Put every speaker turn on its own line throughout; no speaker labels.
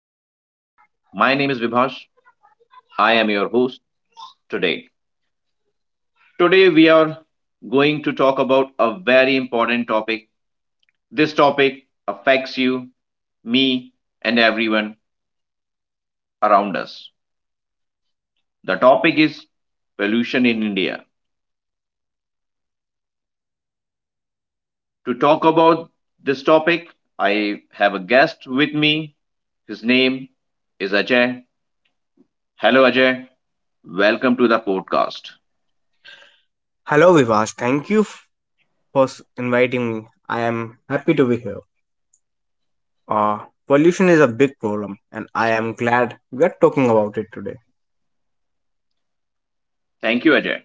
Vibhash. I am your host today. Today, we are going to talk about a very important topic. This topic affects you, me, and everyone around us. The topic is pollution in India. To talk about this topic, I have a guest with me. His name is Ajay. Hello, Ajay. Welcome to the podcast.
Hello, Vivash. Thank you for inviting me. I am happy to be here. Uh, Pollution is a big problem, and I am glad we are talking about it today.
Thank you, Ajay.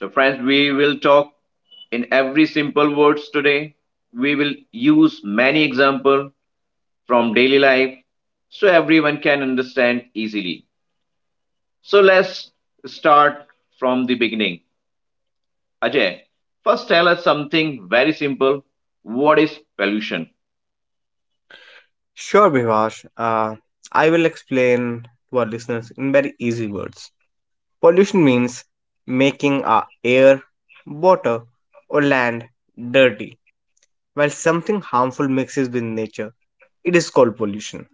So, friends, we will talk in every simple words today. We will use many examples from daily life so everyone can understand easily. So, let's start from the beginning. Ajay, first tell us something very simple. What is pollution?
Sure, Vivash. Uh, I will explain to our listeners in very easy words. Pollution means making our air, water, or land dirty. While something harmful mixes with nature, it is called pollution.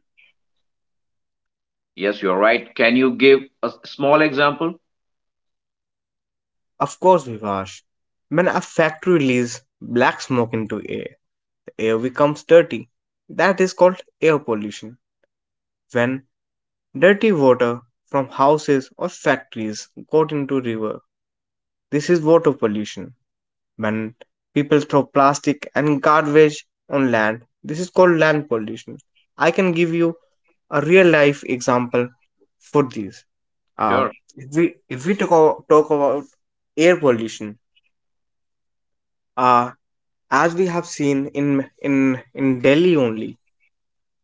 Yes, you're right. Can you give a small example?
Of course, Vivash. When a factory releases black smoke into air, air becomes dirty. That is called air pollution. When dirty water from houses or factories goes into river, this is water pollution. When people throw plastic and garbage on land, this is called land pollution. I can give you a real life example for these.
Sure.
If we talk about air pollution, uh, as we have seen in Delhi only,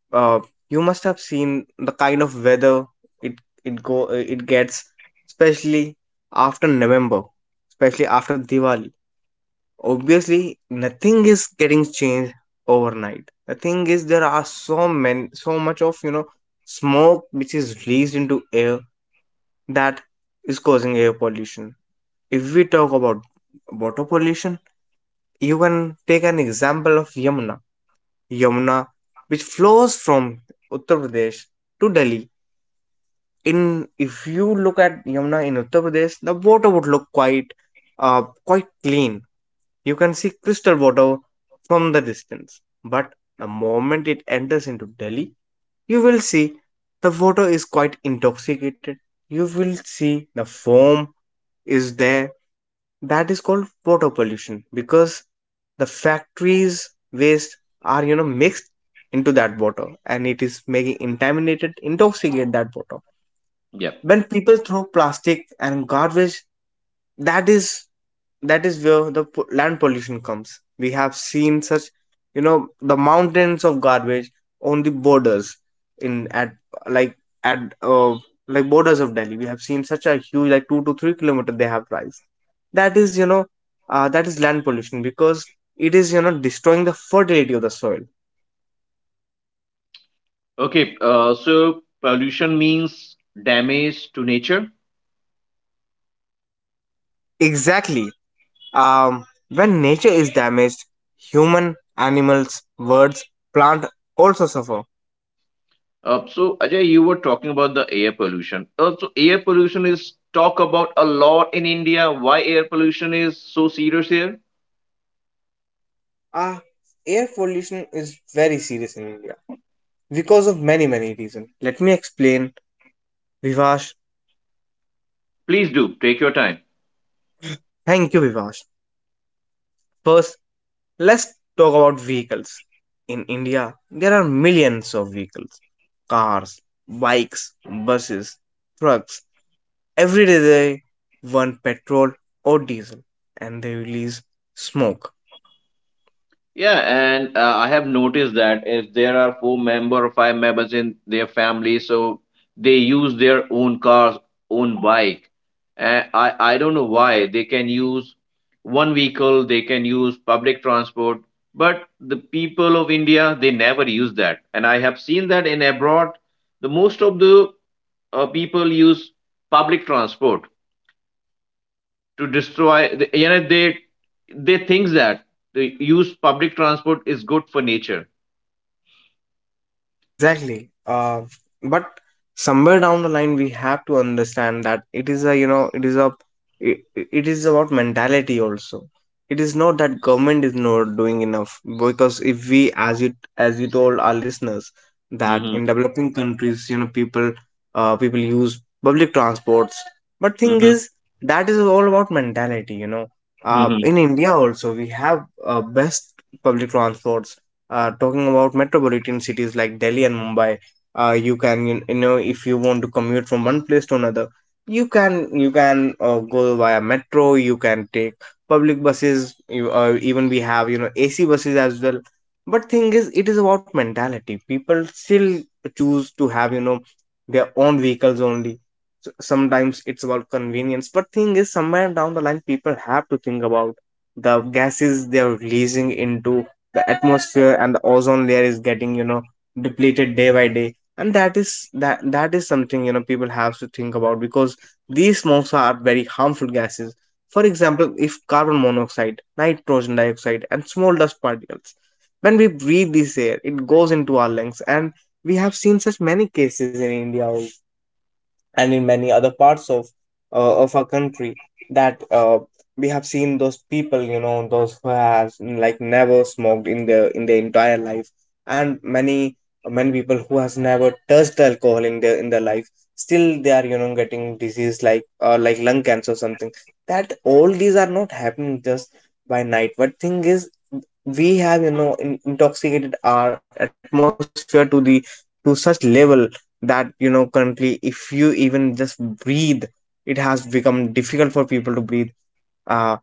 uh, you must have seen the kind of weather it it gets, especially after November, especially after Diwali. Obviously nothing is getting changed overnight. The thing is there are so much of smoke which is released into air that is causing air pollution. If we talk about water pollution, you can take an example of yamuna yamuna which flows from Uttar Pradesh to Delhi. In If you look at Yamuna in Uttar Pradesh, the water would look quite clean. You can see crystal water from the distance. But the moment it enters into Delhi, you will see the water is quite intoxicated. You will see the foam is there. That is called water pollution because the factories waste are mixed into that water and it is making contaminated intoxicate that water.
Yeah.
When people throw plastic and garbage, that is that is where the land pollution comes. We have seen such, the mountains of garbage on the borders, in like at like borders of Delhi. We have seen such a huge, like 2 to 3 kilometer they have rise. That is, that is land pollution because it is destroying the fertility of the soil.
Okay. Pollution means damage to nature.
Exactly. When nature is damaged, human, animals, birds, plant also suffer.
So Ajay, you were talking about the air pollution. So air pollution is talk about a lot in India. Why air pollution is so serious here?
Ah, air pollution is very serious in India because of many many reasons. Let me explain, Vivash.
Please do take your time.
Thank you, Vivash. First, let's talk about vehicles. In India, there are millions of vehicles, cars, bikes, buses, trucks. Every day they burn petrol or diesel, and they release smoke.
Yeah, and I have noticed that if there are four member or five members in their family, so they use their own cars, own bike. And I don't know why they can use one vehicle, they can use public transport, but the people of India, they never use that. And I have seen that in abroad, the most of the people use public transport to destroy, you know, they think that the use public transport is good for nature.
Exactly. But somewhere down the line, we have to understand that it is a, it is about mentality also. It is not that government is not doing enough because if we, as you told our listeners, that in
Mhm,
developing countries, people, people use public transports. But thing
mhm,
is, that is all about mentality,
mhm.
In India also, we have best public transports, talking about metropolitan cities like Delhi and Mumbai. If you want to commute from one place to another, you can go via metro. You can take public buses. You, even we have AC buses as well. But thing is, it is about mentality. People still choose to have their own vehicles only. So sometimes it's about convenience. But thing is, somewhere down the line, people have to think about the gases they are releasing into the atmosphere, and the ozone layer is getting depleted day by day. And that is, that is something, people have to think about, because these smokes are very harmful gases. For example, if carbon monoxide, nitrogen dioxide and small dust particles, when we breathe this air it goes into our lungs. And we have seen such many cases in India also, and in many other parts of our country, that we have seen those people, those who have like never smoked in their entire life, and many many people who has never touched alcohol in their life, still they are getting disease like lung cancer or something. That all these are not happening just by night. But thing is, we have intoxicated our atmosphere to the, to such level that currently if you even just breathe, it has become difficult for people to breathe, uh,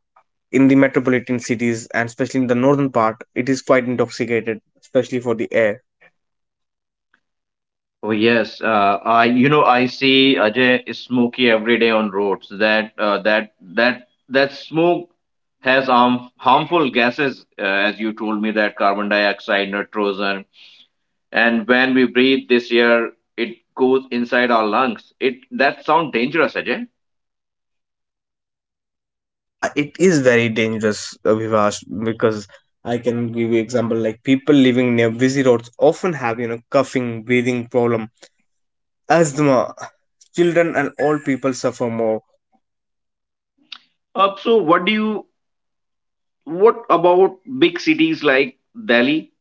in the metropolitan cities, and especially in the northern part it is quite intoxicated, especially for the air.
Oh yes, I you know I see Ajay is smoky every day on roads. That that smoke has harmful gases, as you told me that carbon dioxide, nitrogen, and when we breathe this air, it goes inside our lungs. It that sound dangerous, Ajay.
Yeah, it is very dangerous, Vivash, because I can give you example like people living near busy roads often have coughing, breathing problem, asthma. Children and old people suffer more.
So what do you what about big cities like Delhi?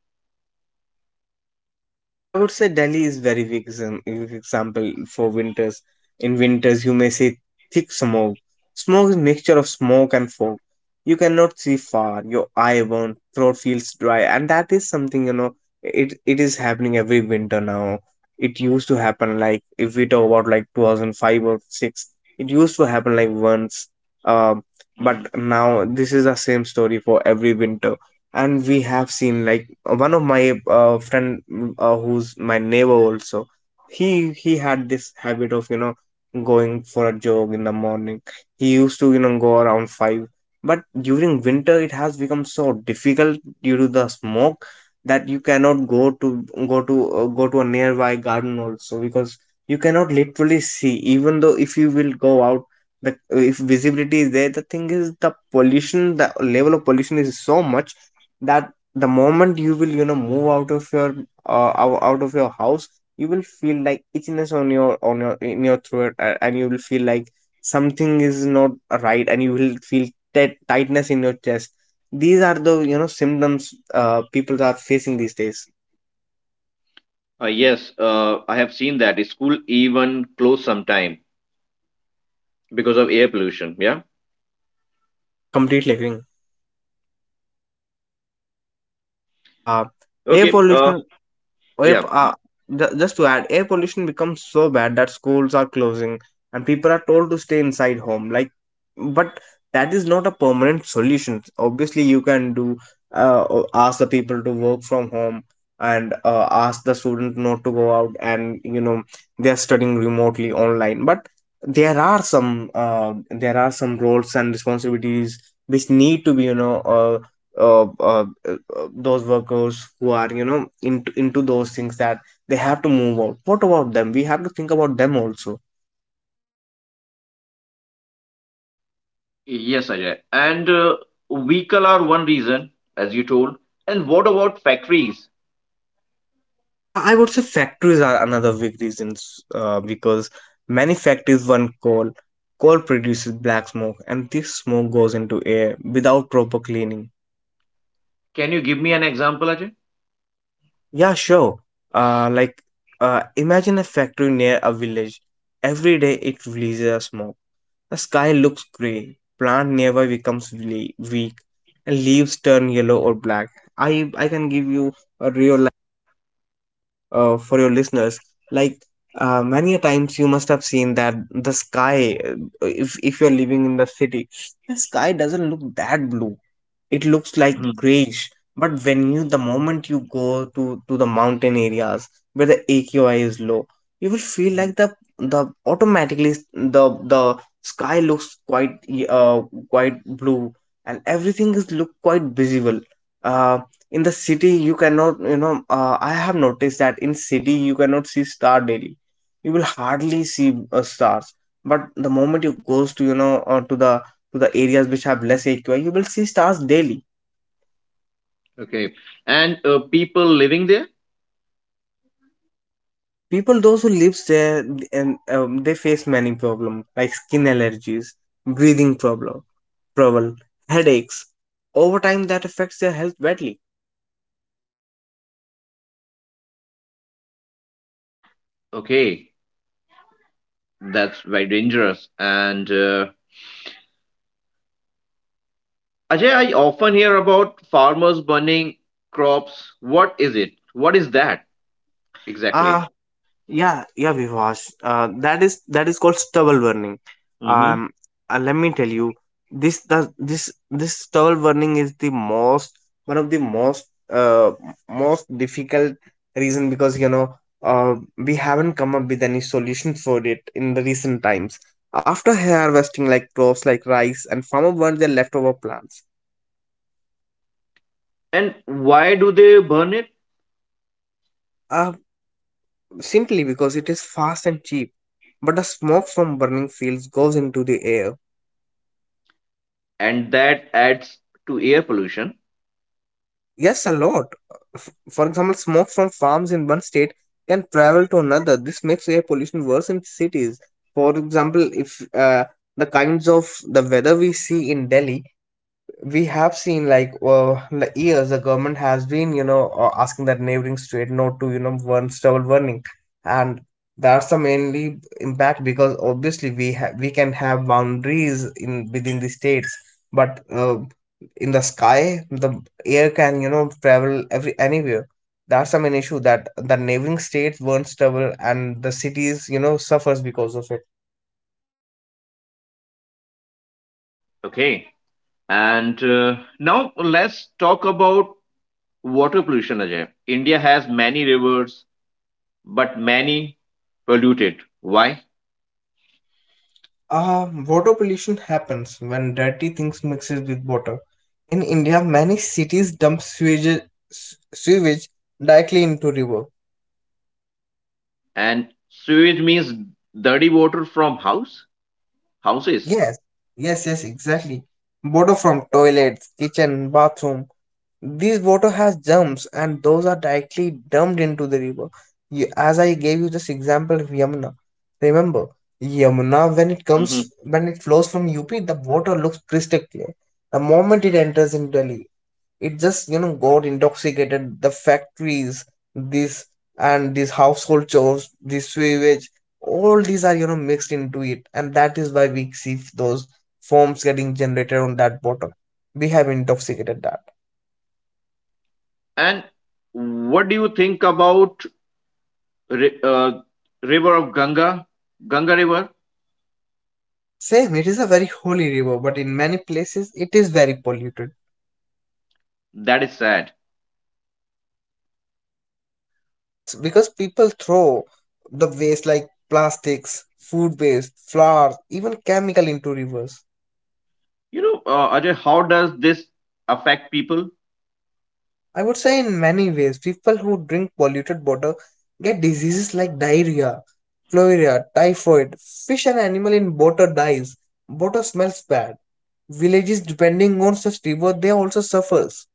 I would say Delhi is very big example for winters. In winters, you may see thick smoke. Smoke is mixture of smoke and fog. You cannot see far. Your eye burn, throat feels dry, and that is something, It is happening every winter now. It used to happen, like, if we talk about, like, 2005 or six. It used to happen like once. Um, but
Mhm.
now this is the same story for every winter. And we have seen like one of my friend, who's my neighbor also. He had this habit of going for a jog in the morning. He used to go around 5. But during winter it has become so difficult due to the smoke, that you cannot go to a nearby garden also, because you cannot literally see. Even though if you will go out, the if visibility is there, the thing is the pollution, the level of pollution is so much, that the moment you will move out of your, out of your house, you will feel like itchiness on your in your throat, and you will feel like something is not right, and you will feel tightness in your chest. These are the symptoms, people are facing these days.
Yes, I have seen that. School even close sometime because of air pollution. Yeah.
Yeah, completely agreeing, uh air
Okay.
pollution. If,
Yeah.
just to add, air pollution becomes so bad that schools are closing and people are told to stay inside home. Like, but that is not a permanent solution. Obviously, you can do ask the people to work from home, and ask the students not to go out, and they are studying remotely online. But there are some roles and responsibilities, which need to be uh, uh, uh, those workers who are into those things, that they have to move out. What about them? We have to think about them also.
Yes, Ajay. And vehicle are one reason, as you told. And what about factories?
I would say factories are another big reasons, because many factories burn coal. Coal produces black smoke and this smoke goes into air without proper cleaning.
Can you give me an example, Ajay?
Yeah, sure. Like, imagine a factory near a village. Every day it releases a smoke. The sky looks gray, plant nearby becomes weak, and leaves turn yellow or black. I can give you a real, for your listeners. Like many a times you must have seen that the sky, if you're living in the city, the sky doesn't look that blue, it looks like
Mhm.
grayish. But when you, the moment you go to the mountain areas where the aqi is low, you will feel
Mhm.
like the automatically the the sky looks quite, uh quite blue, and everything is look quite visible. uh in the city you cannot, I have noticed that in city you cannot see star daily. You will hardly see stars. But the moment you goes to the to the areas which have less AQI, you will see stars daily.
Okay. And people living there?
People, those who lives there, and they face many problems like skin allergies, breathing problem, trouble, headaches. Over time, that affects their health badly.
Okay. That's very dangerous. And Ajay, I often hear about farmers burning crops. What is it? What is that
I
exactly?
Yeah, yeah, Vivash. That is called stubble burning.
Hmm.
Um, let me tell you, this does this this stubble burning is the most, one of the most, uh most difficult reason, because we haven't come up with any solution for it in the recent times. After harvesting like crops like rice, and farmer burn their leftover plants,
And why do they burn it?
uh, simply because it is fast and cheap. But the smoke from burning fields goes into the air.
And that adds to air pollution.
Yes, a lot. For example, smoke from farms in one state can travel to another. This makes air pollution worse in cities. For example, if the kinds of the weather we see in Delhi, we have seen like years the government has been asking that neighboring state not to burn stubble burning, and that's the mainly impact because obviously we can have boundaries in within the states, but in the sky the air can travel every anywhere. That's the main issue, that the neighboring states burn stubble and the cities suffers because of it.
Okay. And now let's talk about water pollution, Ajay. India has many rivers, but many polluted. Why?
Water pollution happens when dirty things mixes with water. In India, many cities dump sewage, sewage directly into river.
And sewage means dirty water from houses.
Yes, yes, yes, exactly. Water from toilets, kitchen, bathroom. This water has germs, and those are directly dumped into the river. You, as I gave you this example of Yamuna, remember Yamuna when it comes,
Hmm.
when it flows from UP, the water looks crystal clear. The moment it enters in Delhi, it just got intoxicated, the factories, this, and these household chores, this sewage, all these are mixed into it, and that is why we see those forms getting generated on that water. We have intoxicated that.
And what do you think about ri- uh, river of Ganga, Ganga River?
Same, it is a very holy river, but in many places it is very polluted.
That is sad.
Yes, because people throw the waste like plastics, food waste, flowers, even chemical into rivers.
You know, Ajay, how does this affect people?
I would say in many ways, people who drink polluted water get diseases like diarrhea, cholera, typhoid. Fish and animal in water dies. Water smells bad. Villages depending on such river, they also suffers.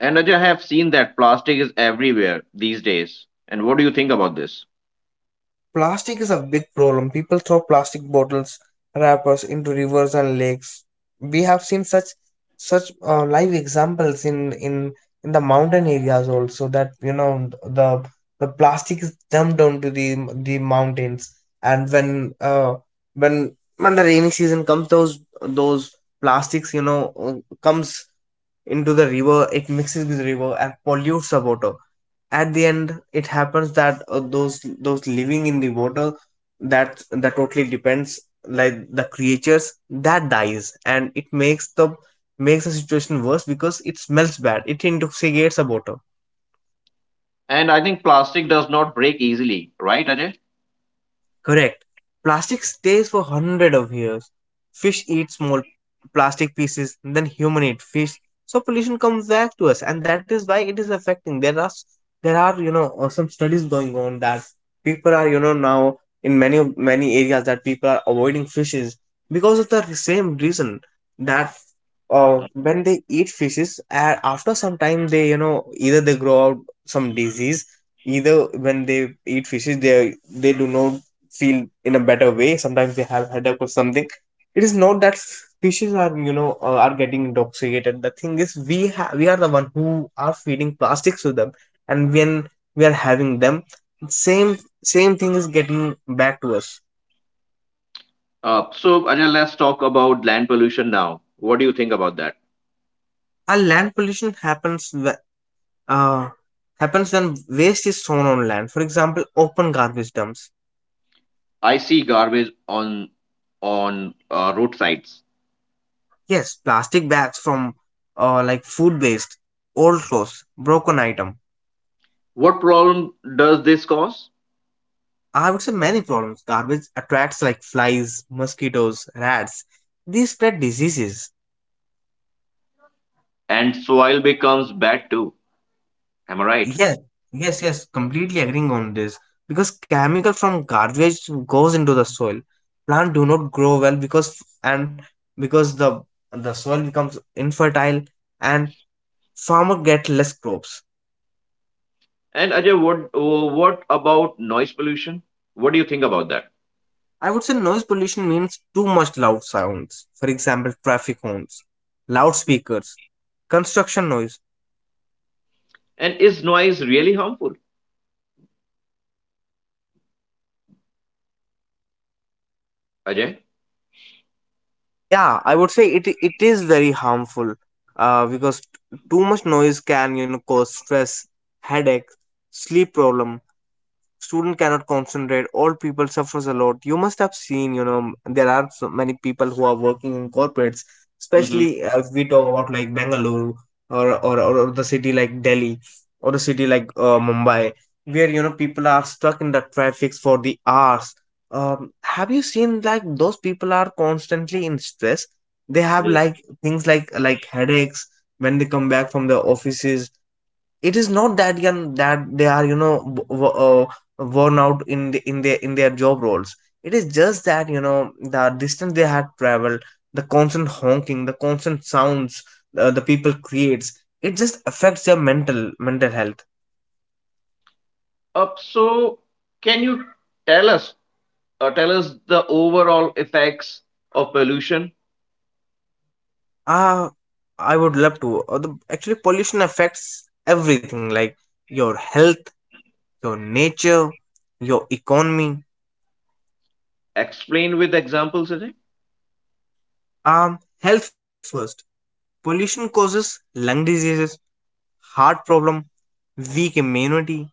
And Ajay, I have seen that plastic is everywhere these days. And what do you think about this?
Plastic is a big problem. People throw plastic bottles, wrappers into rivers and lakes. We have seen such live examples in the mountain areas also, that the plastic is dumped onto the mountains, and when the rainy season comes, those plastics comes into the river, it mixes with the river and pollutes the water. At the end it happens that those living in the water, that totally depends, like the creatures that dies, and it makes the, makes the situation worse because it smells bad, it intoxicates the water.
And I think plastic does not break easily, right, Ajay?
Correct. Plastic stays for hundred of years. Fish eat small plastic pieces, then human eat fish. So pollution comes back to us, and that is why it is affecting. There are some studies going on that people are now in many of many areas, that people are avoiding fishes because of the same reason, that when they eat fishes, after some time they either they grow out some disease, either when they eat fishes they do not feel in a better way. Sometimes they have headache or something. It is not that fishes are are getting intoxicated. The thing is we are the one who are feeding plastics to them, and when we are having them, same same thing is getting back to us.
Ajay, let's talk about land pollution now. What do you think about that?
Our land pollution uh, happens when waste is thrown on land. For example, open garbage dumps.
I see garbage on roadsides.
Yes, plastic bags from, like food waste, old clothes, broken item.
What problem does this cause?
I would say many problems. Garbage attracts like flies, mosquitoes, rats. These spread diseases.
And soil becomes bad too. Am I right?
Yes, yes, yes, completely agreeing on this. Because chemical from garbage goes into the soil. Plant do not grow well, because the soil becomes infertile, and farmer get less crops.
And Ajay, what about noise pollution? What do you think about that?
I would say noise pollution means too much loud sounds. For example, traffic horns, loudspeakers, construction noise.
And is noise really harmful, Ajay?
Yeah, I would say it is very harmful, because too much noise can cause stress, headache, sleep problem, student cannot concentrate, old people suffers a lot. You must have seen. There are so many people who are working in corporates,
Hmm.
especially if we talk about like Bangalore, or the city like Delhi, or the city like Mumbai, where people are stuck in the traffics for the hours. um, have you seen, like, those people are constantly in stress? They have like things like headaches when they come back from the offices. It is not that young that they are worn out in their job roles. It is just that the distance they had traveled, the constant honking, the constant sounds, the people creates, it just affects their mental health.
Uh, so, can you tell us, tell us the overall effects of pollution?
Ah i would love to, actually pollution affects everything, like your health, your nature, your economy.
Explain with examples, Ajay.
um Health first, pollution causes lung diseases, heart problem, weak immunity.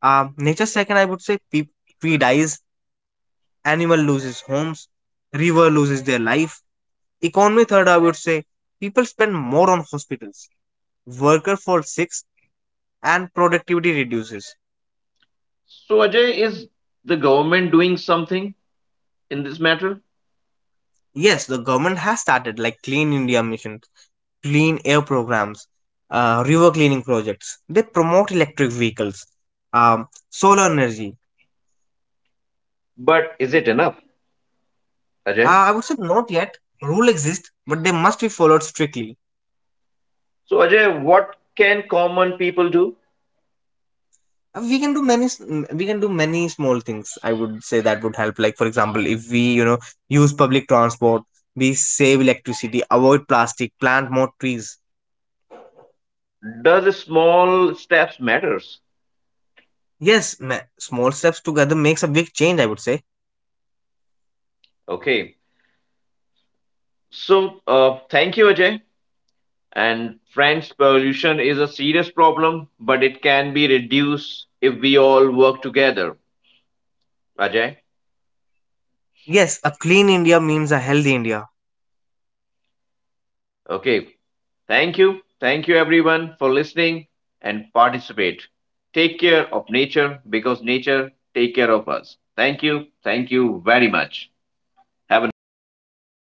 Nature second, I would say, tree dies, animal loses homes, river loses their life. Economy third, I would say, people spend more on hospitals, worker falls sick, and productivity reduces.
So, Ajay, is the government doing something in this matter?
Yes, the government has started like Clean India missions, clean air programs, river cleaning projects. They promote electric vehicles, solar energy.
But is it enough, Ajay?
I would say not yet. Rule exists, but they must be followed strictly.
So, Ajay, what can common people do?
We can do many small things, I would say, that would help, like for example if we use public transport, we save electricity, avoid plastic, plant more trees.
Does small steps matters?
Yes, small steps together makes a big change, I would say.
Okay. So, thank you, Ajay. And friends, pollution is a serious problem, but it can be reduced if we all work together. Ajay?
Yes, a clean India means a healthy India.
Okay. Thank you. Thank you, everyone, for listening and participate. Take care of nature because nature take care of us. Thank you. Thank you very much. Have a nice day. Thank